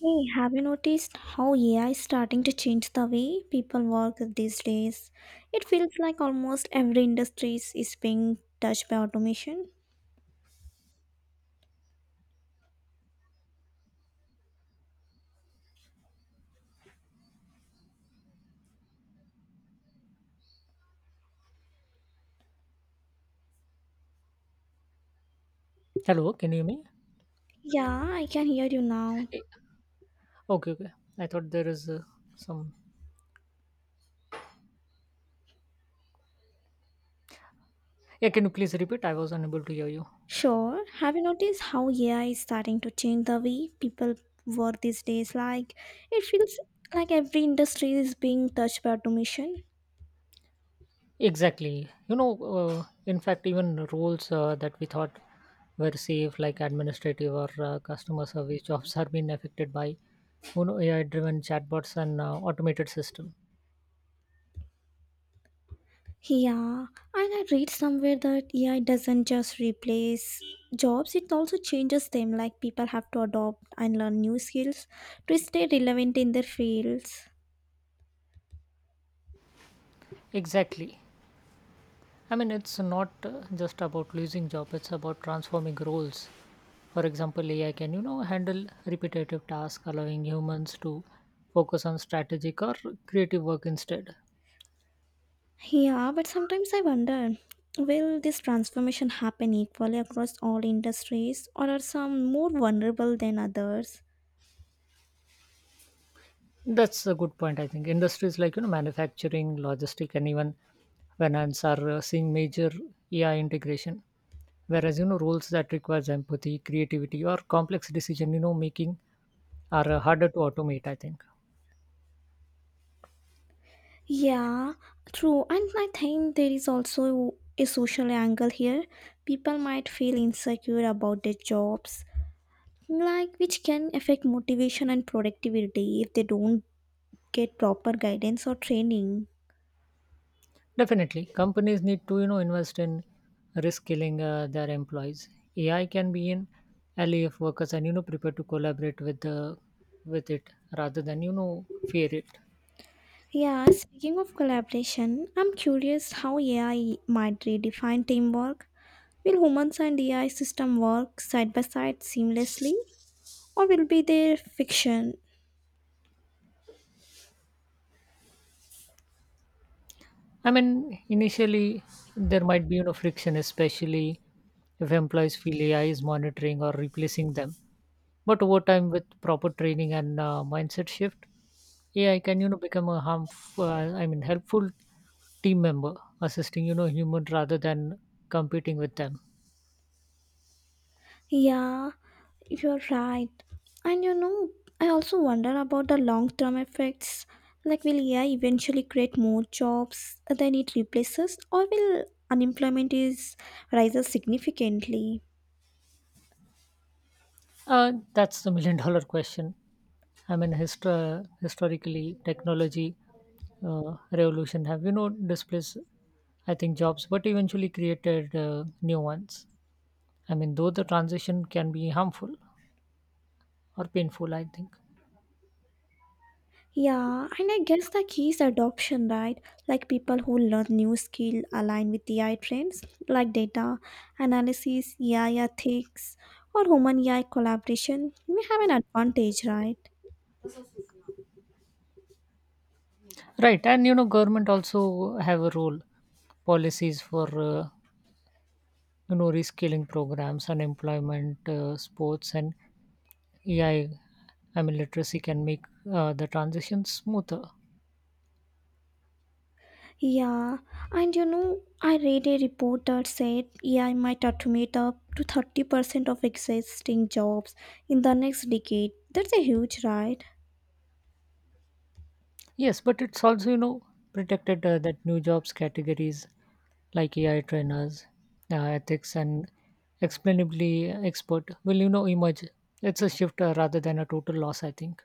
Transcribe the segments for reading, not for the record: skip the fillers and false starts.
Hey, have you noticed how AI is starting to change the way people work these days? It feels like almost every industry is being touched by automation. Hello, can you hear me? Yeah, I can hear you now. Eh, okay, okay. I thought there is some. Yeah, can you please repeat? I was unable to hear you. Sure. Have you noticed how AI is starting to change the way people work these days? Like, it feels like every industry is being touched by automation. Exactly. In fact, even roles that we thought were safe, like administrative or customer service jobs, are being affected by AI-driven chatbots and automated system. Yeah, and I read somewhere that AI doesn't just replace jobs, it also changes them. Like people have to adopt and learn new skills to stay relevant in their fields. Exactly. I mean, it's not just about losing job; it's about transforming roles. For example, AI can, handle repetitive tasks, allowing humans to focus on strategic or creative work instead. Yeah, but sometimes I wonder, will this transformation happen equally across all industries, or are some more vulnerable than others? That's a good point, I think. Industries like, manufacturing, logistic, and even finance are seeing major AI integration. Whereas, roles that requires empathy, creativity, or complex decision, making are harder to automate, I think. Yeah, true. And I think there is also a social angle here. People might feel insecure about their jobs, like, which can affect motivation and productivity if they don't get proper guidance or training. Definitely, companies need to invest in risk killing their employees. AI can be in ally workers and prepare to collaborate with the with it rather than fear it. Yeah, speaking of collaboration, I'm curious how AI might redefine teamwork. Will humans and AI system work side by side seamlessly, or will be there fiction? I mean, initially there might be friction, especially if employees feel AI is monitoring or replacing them. But over time, with proper training and mindset shift, AI can become a helpful team member, assisting human rather than competing with them. Yeah, you're right. And you know, I also wonder about the long term effects. Like, will AI eventually create more jobs than it replaces, or will unemployment is rises significantly? That's the million dollar question. I mean, historically, technology revolution have displaced I think jobs, but eventually created new ones. I mean, though the transition can be harmful or painful, I think. Yeah, and I guess the key is adoption, right? Like people who learn new skill align with AI trends, like data analysis, AI ethics, or human AI collaboration may have an advantage, right? Right, and government also have a role, policies for reskilling programs, unemployment, sports, and AI. I mean, literacy can make the transition smoother. Yeah, and you know, I read a report that said AI might automate up to 30% of existing jobs in the next decade. That's a huge, right? Yes, but it's also, protected that new jobs categories like AI trainers, ethics, and explainably expert will, emerge. It's a shift rather than a total loss, I think.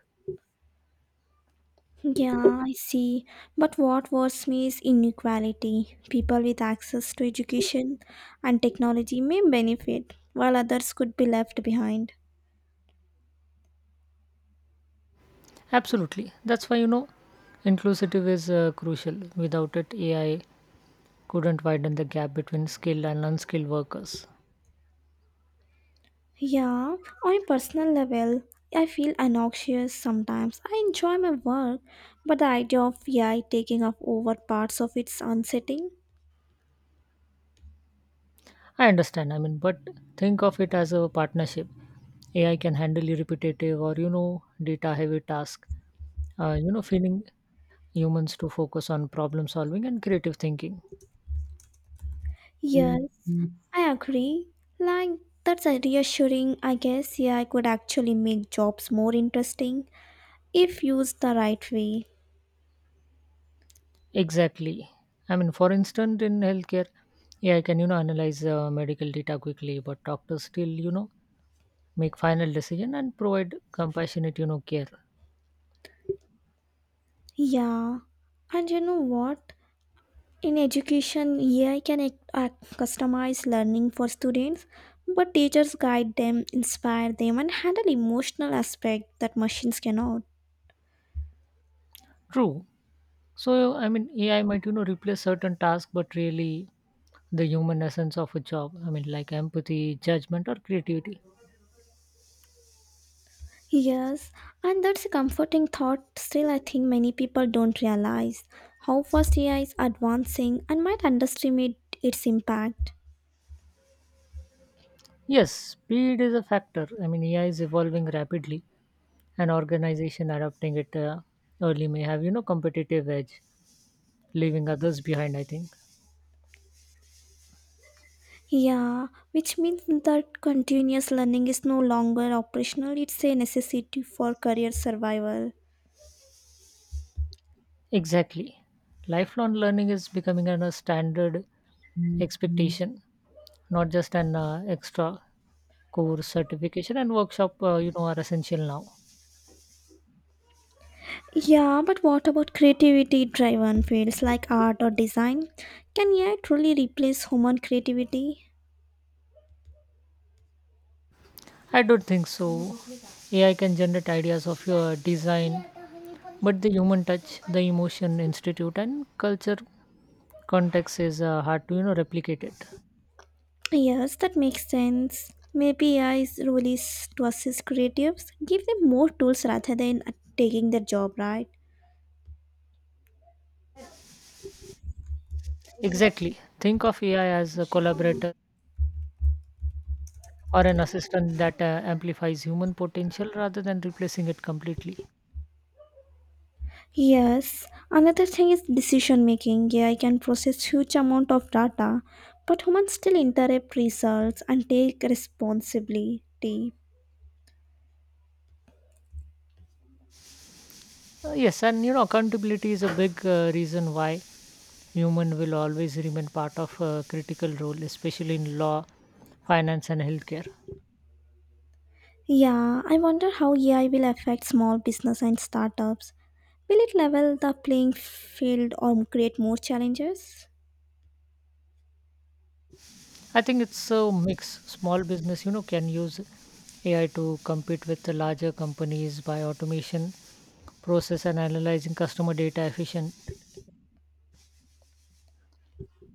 Yeah, I see. But what worries me is inequality. People with access to education and technology may benefit, while others could be left behind. Absolutely. That's why, inclusive is crucial. Without it, AI couldn't widen the gap between skilled and unskilled workers. Yeah, on a personal level, I feel anxious sometimes. I enjoy my work, but the idea of AI taking up over parts of its unsettling. I understand. I mean, but think of it as a partnership. AI can handle your repetitive or data heavy task. Feeling humans to focus on problem solving and creative thinking. Yes, I agree. Like, that's a reassuring. I guess AI could actually make jobs more interesting if used the right way. Exactly. I mean, for instance, in healthcare, AI can analyze medical data quickly, but doctors still make final decision and provide compassionate care. Yeah, and you know what? In education, AI can customize learning for students, but teachers guide them, inspire them, and handle emotional aspect that machines cannot. True. So, I mean, AI might, replace certain tasks, but really the human essence of a job. I mean, like empathy, judgment, or creativity. Yes, and that's a comforting thought. Still, I think many people don't realize how fast AI is advancing and might underestimate its impact. Yes, speed is a factor. I mean, AI is evolving rapidly, and organization adopting it early may have, competitive edge, leaving others behind, I think. Yeah, which means that continuous learning is no longer operational, it's a necessity for career survival. Exactly. Lifelong learning is becoming a standard expectation, not just an extra course certification and workshop, are essential now. Yeah, but what about creativity driven fields like art or design? Can AI truly replace human creativity? I don't think so. AI can generate ideas of your design, but the human touch, the emotion, institute, and culture context is hard to replicate it. Yes, that makes sense. Maybe AI's role is to assist creatives, give them more tools rather than taking their job, right? Exactly. Think of AI as a collaborator or an assistant that amplifies human potential rather than replacing it completely. Yes, another thing is decision making. AI can process huge amount of data, but humans still interrupt results and take responsibility. Yes, and accountability is a big reason why human will always remain part of a critical role, especially in law, finance, and healthcare. Yeah, I wonder how AI will affect small business and startups. Will it level the playing field or create more challenges? I think it's a mix. Small business, can use AI to compete with the larger companies by automation, process and analyzing customer data efficient.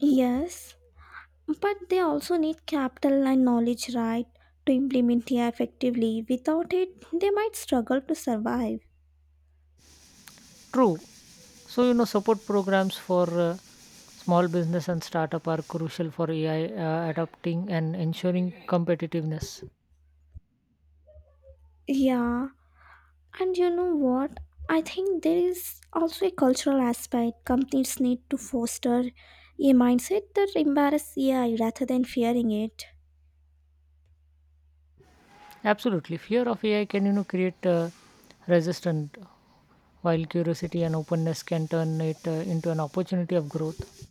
Yes, but they also need capital and knowledge, right, to implement AI effectively. Without it, they might struggle to survive. True. So, support programs for small business and startup are crucial for AI adopting and ensuring competitiveness. Yeah, and you know what? I think there is also a cultural aspect. Companies need to foster a mindset that embraces AI rather than fearing it. Absolutely. Fear of AI can, create resistance while curiosity and openness can turn it into an opportunity of growth.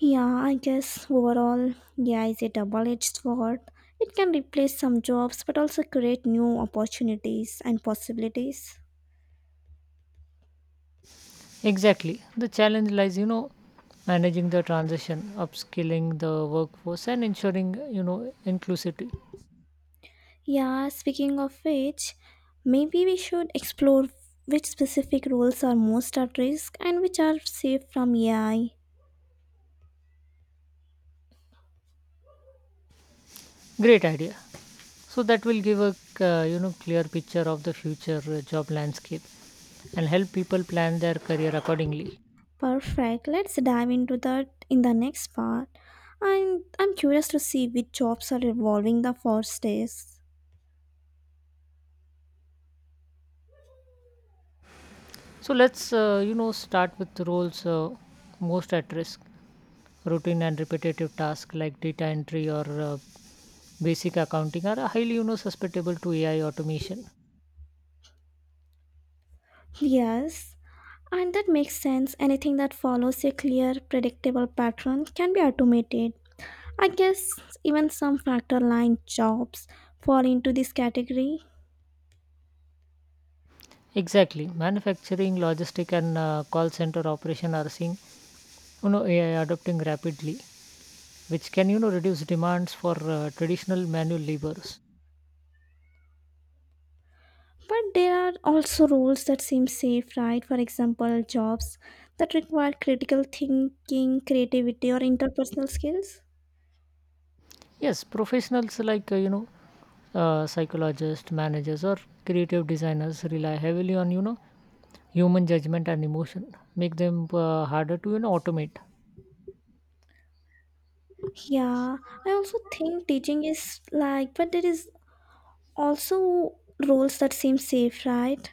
Yeah, I guess overall, yeah, it's a double-edged sword. It can replace some jobs but also create new opportunities and possibilities. Exactly. The challenge lies, managing the transition, upskilling the workforce, and ensuring, inclusivity. Yeah, speaking of which, maybe we should explore which specific roles are most at risk and which are safe from AI. Great idea. So that will give clear picture of the future job landscape and help people plan their career accordingly. Perfect. Let's dive into that in the next part. And I'm curious to see which jobs are evolving the fastest. So let's start with roles most at risk. Routine and repetitive tasks like data entry or basic accounting are highly, susceptible to AI automation. Yes, and that makes sense. Anything that follows a clear, predictable pattern can be automated. I guess even some factor line jobs fall into this category. Exactly. Manufacturing, logistic, and call center operation are seeing AI adopting rapidly, which can reduce demands for traditional manual labors. But there are also roles that seem safe, right? For example, jobs that require critical thinking, creativity, or interpersonal skills. Yes, professionals like psychologists, managers, or creative designers rely heavily on human judgment and emotion, make them harder to automate. Yeah, I also think teaching is like, but there is also roles that seem safe, right?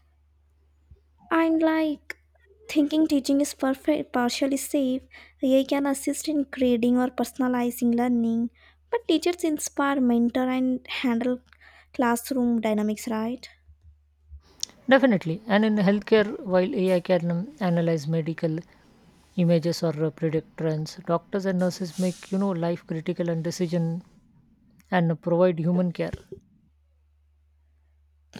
And like, thinking teaching is perfect, partially safe, AI can assist in grading or personalizing learning, but teachers inspire, mentor, and handle classroom dynamics, right? Definitely. And in healthcare, while AI can analyze medical images or predict trends, doctors and nurses make life critical and decision and provide human care.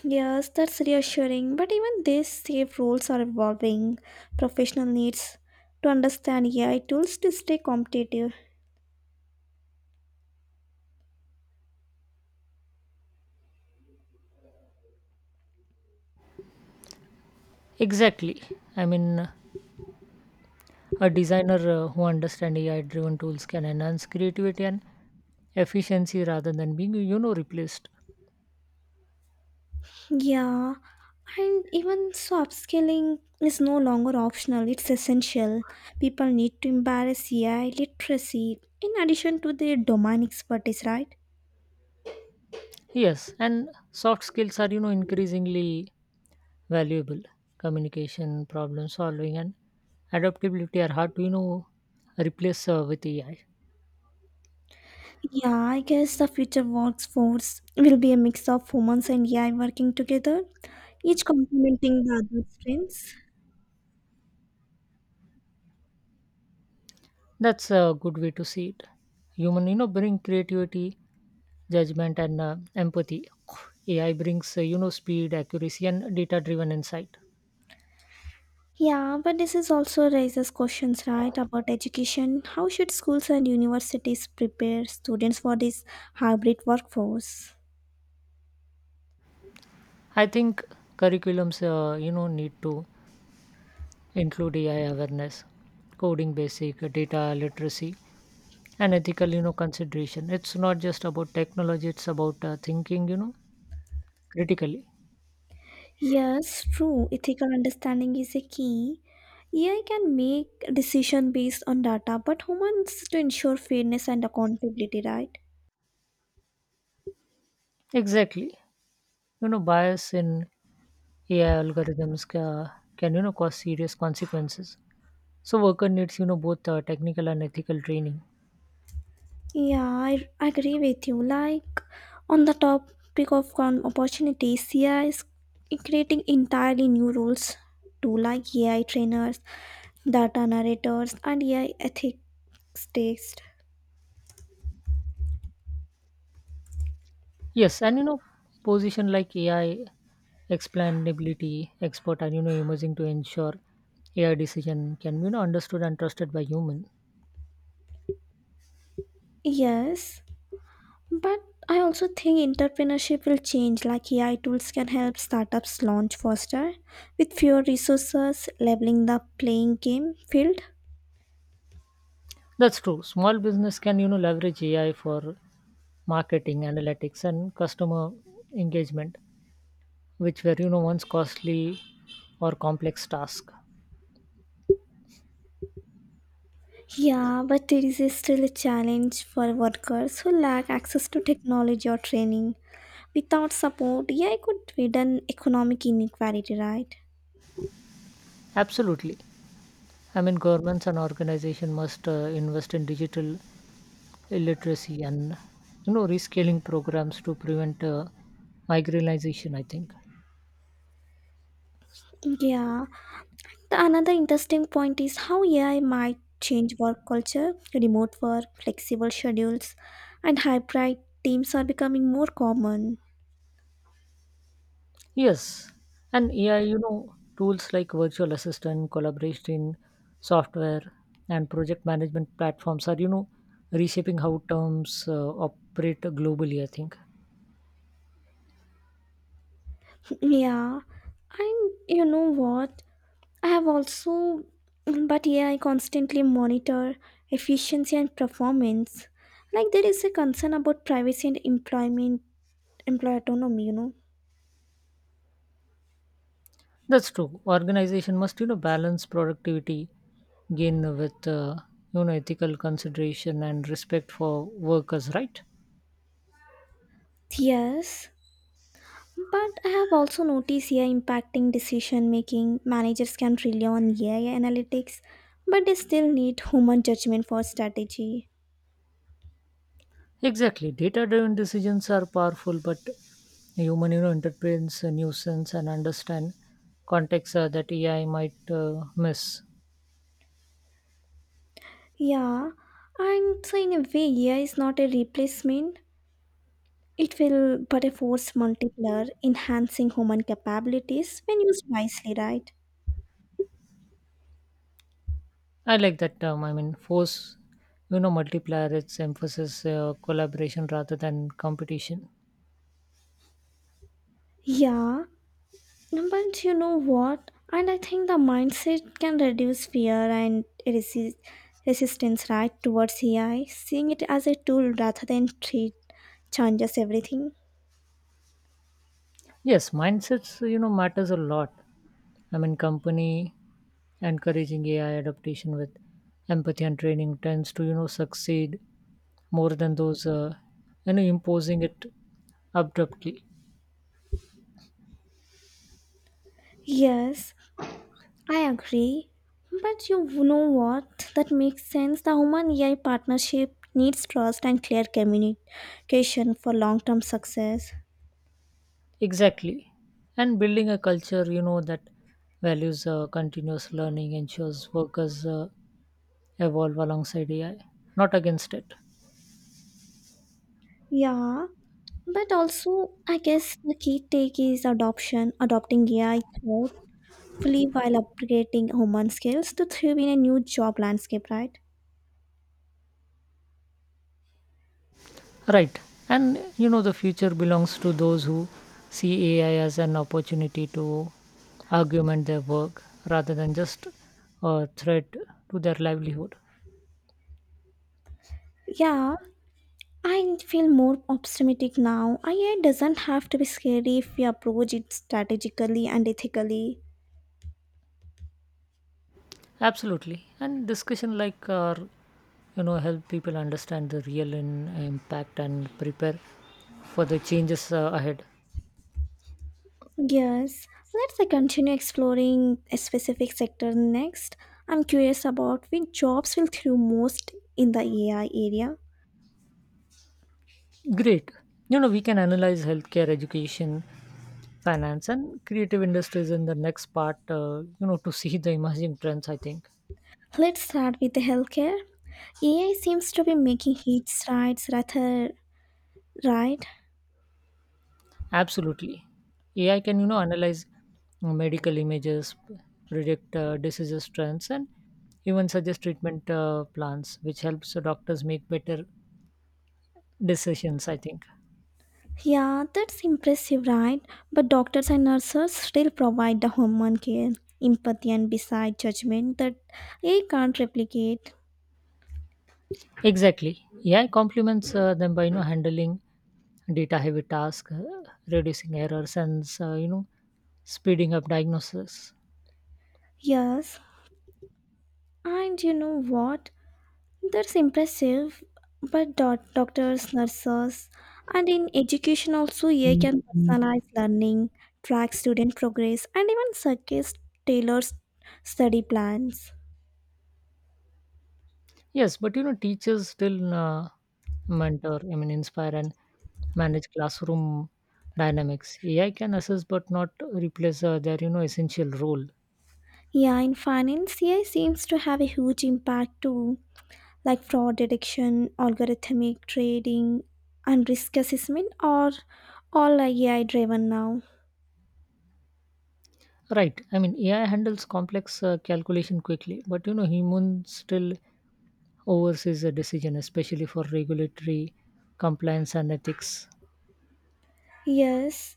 Yes, that's reassuring, but even these safe roles are evolving. Professional needs to understand AI tools to stay competitive. Exactly. I mean, uh, a designer who understands AI-driven tools can enhance creativity and efficiency rather than being replaced. Yeah, and even so, upscaling is no longer optional, it's essential. People need to embrace AI literacy in addition to their domain expertise, right? Yes, and soft skills are increasingly valuable. Communication, problem solving, and adaptability are hard to replace with AI. Yeah, I guess the future workforce will be a mix of humans and AI working together, each complementing the other's strengths. That's a good way to see it. Human, bring creativity, judgment, and empathy. AI brings speed, accuracy, and data-driven insight. Yeah, but this is also raises questions, right, about education. How should schools and universities prepare students for this hybrid workforce? I think curriculums need to include AI awareness, coding basic, data literacy, and ethical, consideration. It's not just about technology; it's about thinking, critically. Yes, true. Ethical understanding is a key. AI can make decision based on data, but humans to ensure fairness and accountability, right? Exactly. You know, bias in AI algorithms can, cause serious consequences. So worker needs, both technical and ethical training. Yeah, I agree with you. Like, on the topic of opportunities, AI is creating entirely new roles to like AI trainers, data narrators, and AI ethics test. Yes, and position like AI explainability expert and emerging to ensure AI decision can be understood and trusted by human. Yes, but I also think entrepreneurship will change, like AI tools can help startups launch faster with fewer resources, leveling the playing game field. That's true. Small business can leverage AI for marketing, analytics, and customer engagement, which were once costly or complex task. Yeah, but it is still a challenge for workers who lack access to technology or training. Without support, AI could widen economic inequality, right? Absolutely. I mean, governments and organizations must invest in digital illiteracy and rescaling programs to prevent migranization, I think. Yeah. The another interesting point is how AI might change work culture, remote work, flexible schedules, and hybrid teams are becoming more common. Yes, and yeah, tools like virtual assistant, collaboration software, and project management platforms are reshaping how terms operate globally, I think. Yeah, and you know what? I have also, but yeah, I constantly monitor efficiency and performance. Like there is a concern about privacy and employment, employee autonomy, you know. That's true. Organization must, balance productivity gain with, ethical consideration and respect for workers, right? Yes, but I have also noticed here impacting decision making. Managers can rely on AI analytics, but they still need human judgment for strategy. Exactly. Data-driven decisions are powerful, but human, interprets a nuisance and understand context that AI might miss. Yeah, and so in a way, AI is not a replacement. It will, but a force multiplier, enhancing human capabilities when used wisely, right? I like that term. I mean, force, multiplier. Its emphasis collaboration rather than competition. Yeah, but you know what? And I think the mindset can reduce fear and resistance, right, towards AI, seeing it as a tool rather than treat changes everything. Yes, mindsets, matters a lot. I mean, company encouraging AI adaptation with empathy and training tends to, succeed more than those, imposing it abruptly. Yes, I agree. But you know what? That makes sense. The human AI partnership needs trust and clear communication for long term success. Exactly. And building a culture, that values continuous learning ensures workers evolve alongside AI, not against it. Yeah, but also, I guess the key take is adoption, adopting AI thoughtfully while upgrading human skills to thrive in a new job landscape, right? Right. And the future belongs to those who see AI as an opportunity to augment their work rather than just a threat to their livelihood. Yeah, I feel more optimistic now. AI doesn't have to be scary if we approach it strategically and ethically. Absolutely. And discussion like our, help people understand the real impact and prepare for the changes ahead. Yes, let's continue exploring a specific sector next. I'm curious about which jobs will thrive most in the AI area. Great. You know, we can analyze healthcare, education, finance, and creative industries in the next part, to see the emerging trends, I think. Let's start with the healthcare. AI seems to be making huge strides rather, right? Absolutely. AI can, analyze medical images, predict diseases trends, and even suggest treatment plans, which helps the doctors make better decisions, I think. Yeah, that's impressive, right? But doctors and nurses still provide the human care, empathy and beside judgment that AI can't replicate. Exactly. AI complements them by handling data-heavy tasks, reducing errors, and speeding up diagnosis. Yes. And you know what? That's impressive. But doctors, nurses, and in education also AI can personalize learning, track student progress, and even suggest tailored study plans. Yes, but teachers still mentor, inspire and manage classroom dynamics. AI can assist but not replace their, essential role. Yeah, in finance, AI seems to have a huge impact too, like fraud detection, algorithmic trading, and risk assessment are all AI driven now. Right. I mean, AI handles complex calculation quickly, but human still oversees a decision, especially for regulatory compliance and ethics. Yes,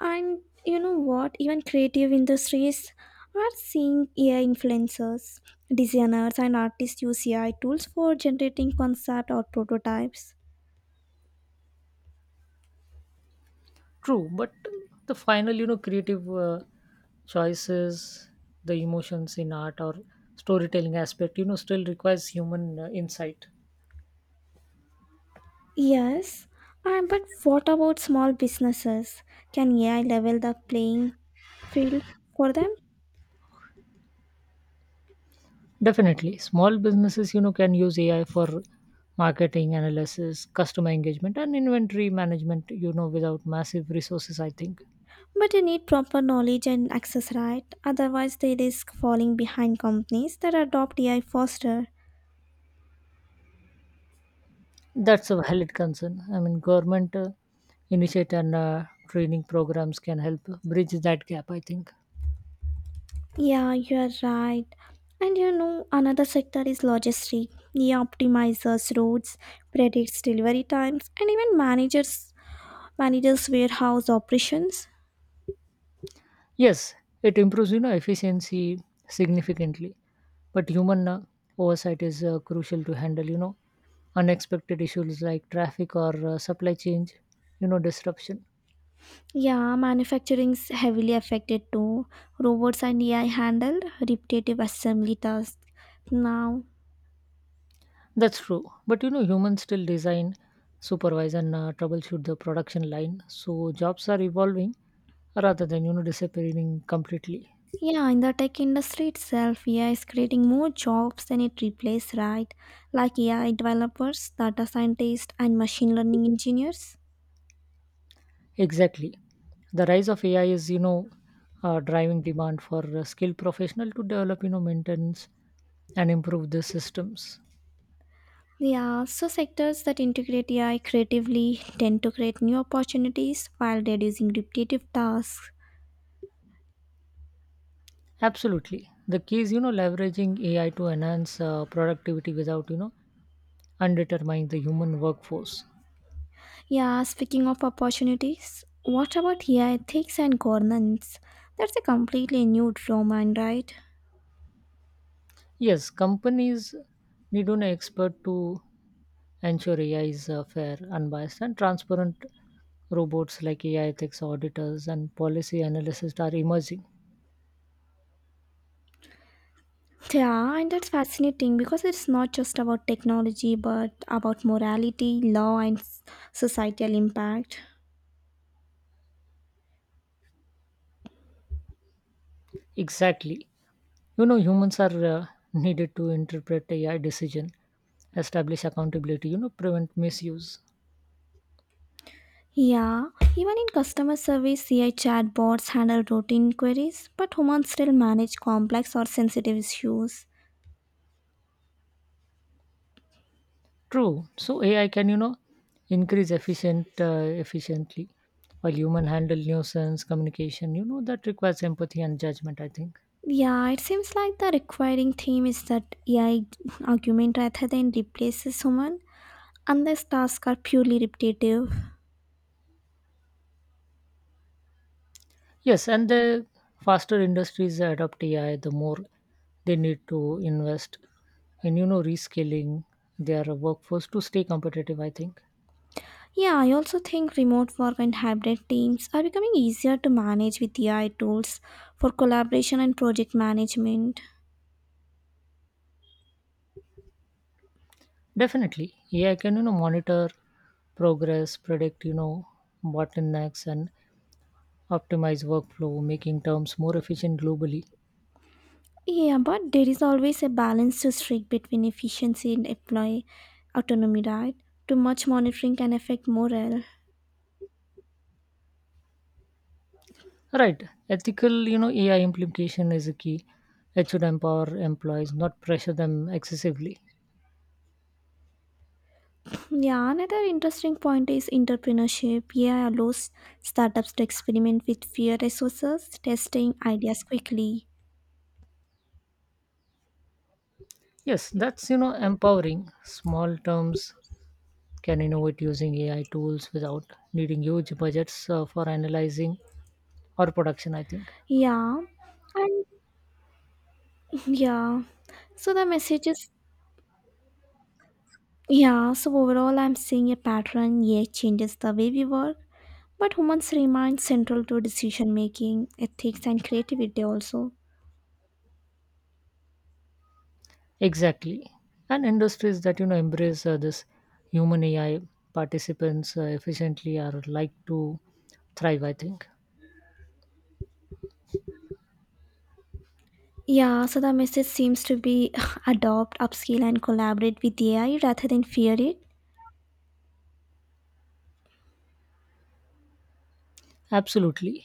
and you know what? Even creative industries are seeing AI influencers, designers, and artists use AI tools for generating concept or prototypes. True, but the final, creative choices, the emotions in art or storytelling aspect, still requires human insight. Yes, and but what about small businesses? Can AI level the playing field for them? Definitely. Small businesses, can use AI for marketing analysis, customer engagement, and inventory management, without massive resources, I think. But you need proper knowledge and access, right? Otherwise, they risk falling behind companies that adopt AI faster. That's a valid concern. I mean, government initiate and training programs can help bridge that gap, I think. Yeah, you're right. And you know, another sector is logistics. AI optimizes routes, predicts delivery times, and even managers manages warehouse operations. Yes, it improves, efficiency significantly, but human oversight is crucial to handle, unexpected issues like traffic or supply chain, disruption. Yeah, manufacturing's heavily affected too. Robots and AI handle repetitive assembly tasks now. That's true. But humans still design, supervise, and troubleshoot the production line. So jobs are evolving rather than, disappearing completely. Yeah, in the tech industry itself, AI is creating more jobs than it replaces, right? Like AI developers, data scientists, and machine learning engineers. Exactly. The rise of AI is, driving demand for skilled professional to develop, maintenance and improve the systems. There are also sectors that integrate AI creatively, tend to create new opportunities while reducing repetitive tasks. Absolutely. The key is, leveraging AI to enhance productivity without, undermining the human workforce. Yeah, speaking of opportunities, what about AI ethics and governance? That's a completely new domain, right? Yes, companies need an expert to ensure AI is fair, unbiased, and transparent. Robots like AI ethics auditors and policy analysts are emerging. Yeah, and that's fascinating because it's not just about technology but about morality, law, and societal impact. Exactly. You know, humans are needed to interpret AI decision, establish accountability, prevent misuse. Yeah, even in customer service, AI chatbots handle routine queries, but humans still manage complex or sensitive issues. True. So AI can, you know, increase efficient efficiently while human handle nuisance communication, that requires empathy and judgment, I think. Yeah, it seems like the requiring theme is that AI argument rather than replaces human, unless tasks are purely repetitive. Yes, and the faster industries adopt AI, the more they need to invest in rescaling their workforce to stay competitive, I think. Yeah, I also think remote work and hybrid teams are becoming easier to manage with AI tools for collaboration and project management. Definitely AI can monitor progress, predict bottlenecks, and optimize workflow, making terms more efficient globally. Yeah, but there is always a balance to strike between efficiency and employee autonomy, right? Too much monitoring can affect morale. Right, ethical AI implication is a key. It should empower employees, not pressure them excessively. Yeah, another interesting point is entrepreneurship. Yeah, allows startups to experiment with fewer resources, testing ideas quickly. Yes, that's empowering. Small terms can innovate using AI tools without needing huge budgets for analyzing or production, I think. Yeah, and yeah. So the message is, yeah, so overall, I'm seeing a pattern. AI changes the way we work, but humans remain central to decision making, ethics, and creativity also. Exactly, and industries that embrace this human AI participants efficiently are like to thrive, I think. Yeah, so the message seems to be adopt, upskill, and collaborate with AI rather than fear it. Absolutely.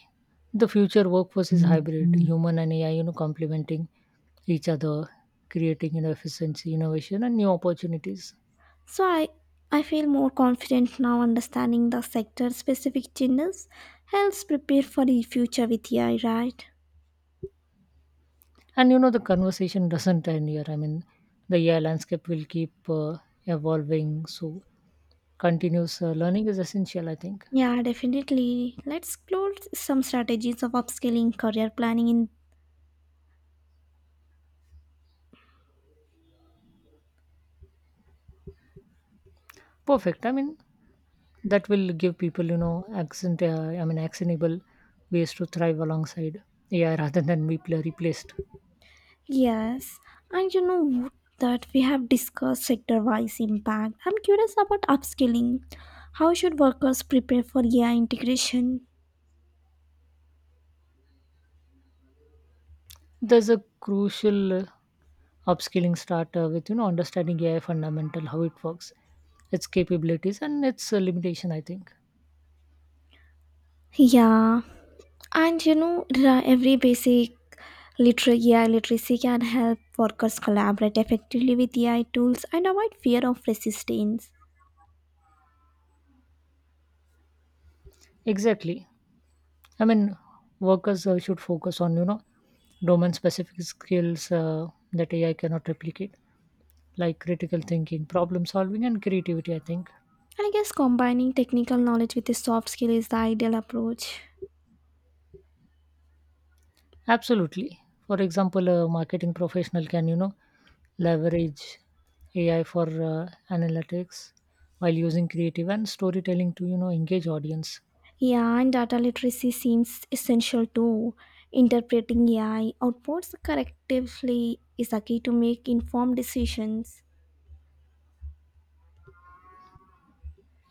The future workforce is hybrid, human and AI, complementing each other, creating efficiency, innovation, and new opportunities. So I feel more confident now understanding the sector specific changes helps prepare for the future with AI, right? And the conversation doesn't end here. I mean, the AI landscape will keep evolving. So, continuous learning is essential, I think. Yeah, definitely. Let's explore some strategies of upscaling career planning in. Perfect. I mean, that will give people, actionable ways to thrive alongside AI rather than be replaced. Yes, and you know what, that we have discussed sector wise impact. I'm curious about upskilling. How should workers prepare for AI integration? There's a crucial upskilling start with, understanding AI fundamental, how it works, its capabilities, and its limitation, I think. Yeah, and you know, every basic AI literacy can help workers collaborate effectively with AI tools and avoid fear of resistance. Exactly. I mean, workers should focus on domain-specific skills that AI cannot replicate, like critical thinking, problem solving, and creativity, I think. I guess combining technical knowledge with a soft skill is the ideal approach. Absolutely. For example, a marketing professional can leverage AI for analytics while using creative and storytelling to engage audience. Yeah, and data literacy seems essential too. Interpreting AI outputs correctively is a key to make informed decisions.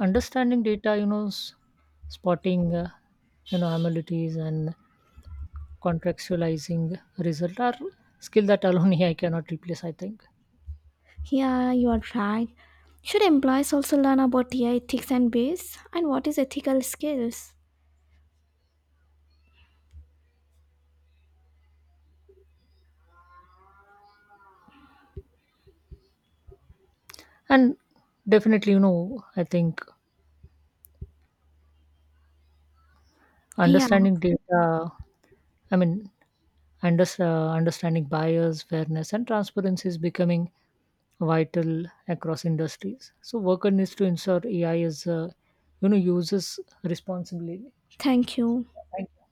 Understanding data, spotting anomalies and contextualizing result are skill that alone I cannot replace, I think. Yeah, you are right. Should employees also learn about AI ethics and bias and what is ethical skills? And definitely, you know, I think Yeah, understanding data, I mean, under, understanding bias, fairness, and transparency is becoming vital across industries. So, worker needs to ensure AI is, uses responsibly. thank you. Thank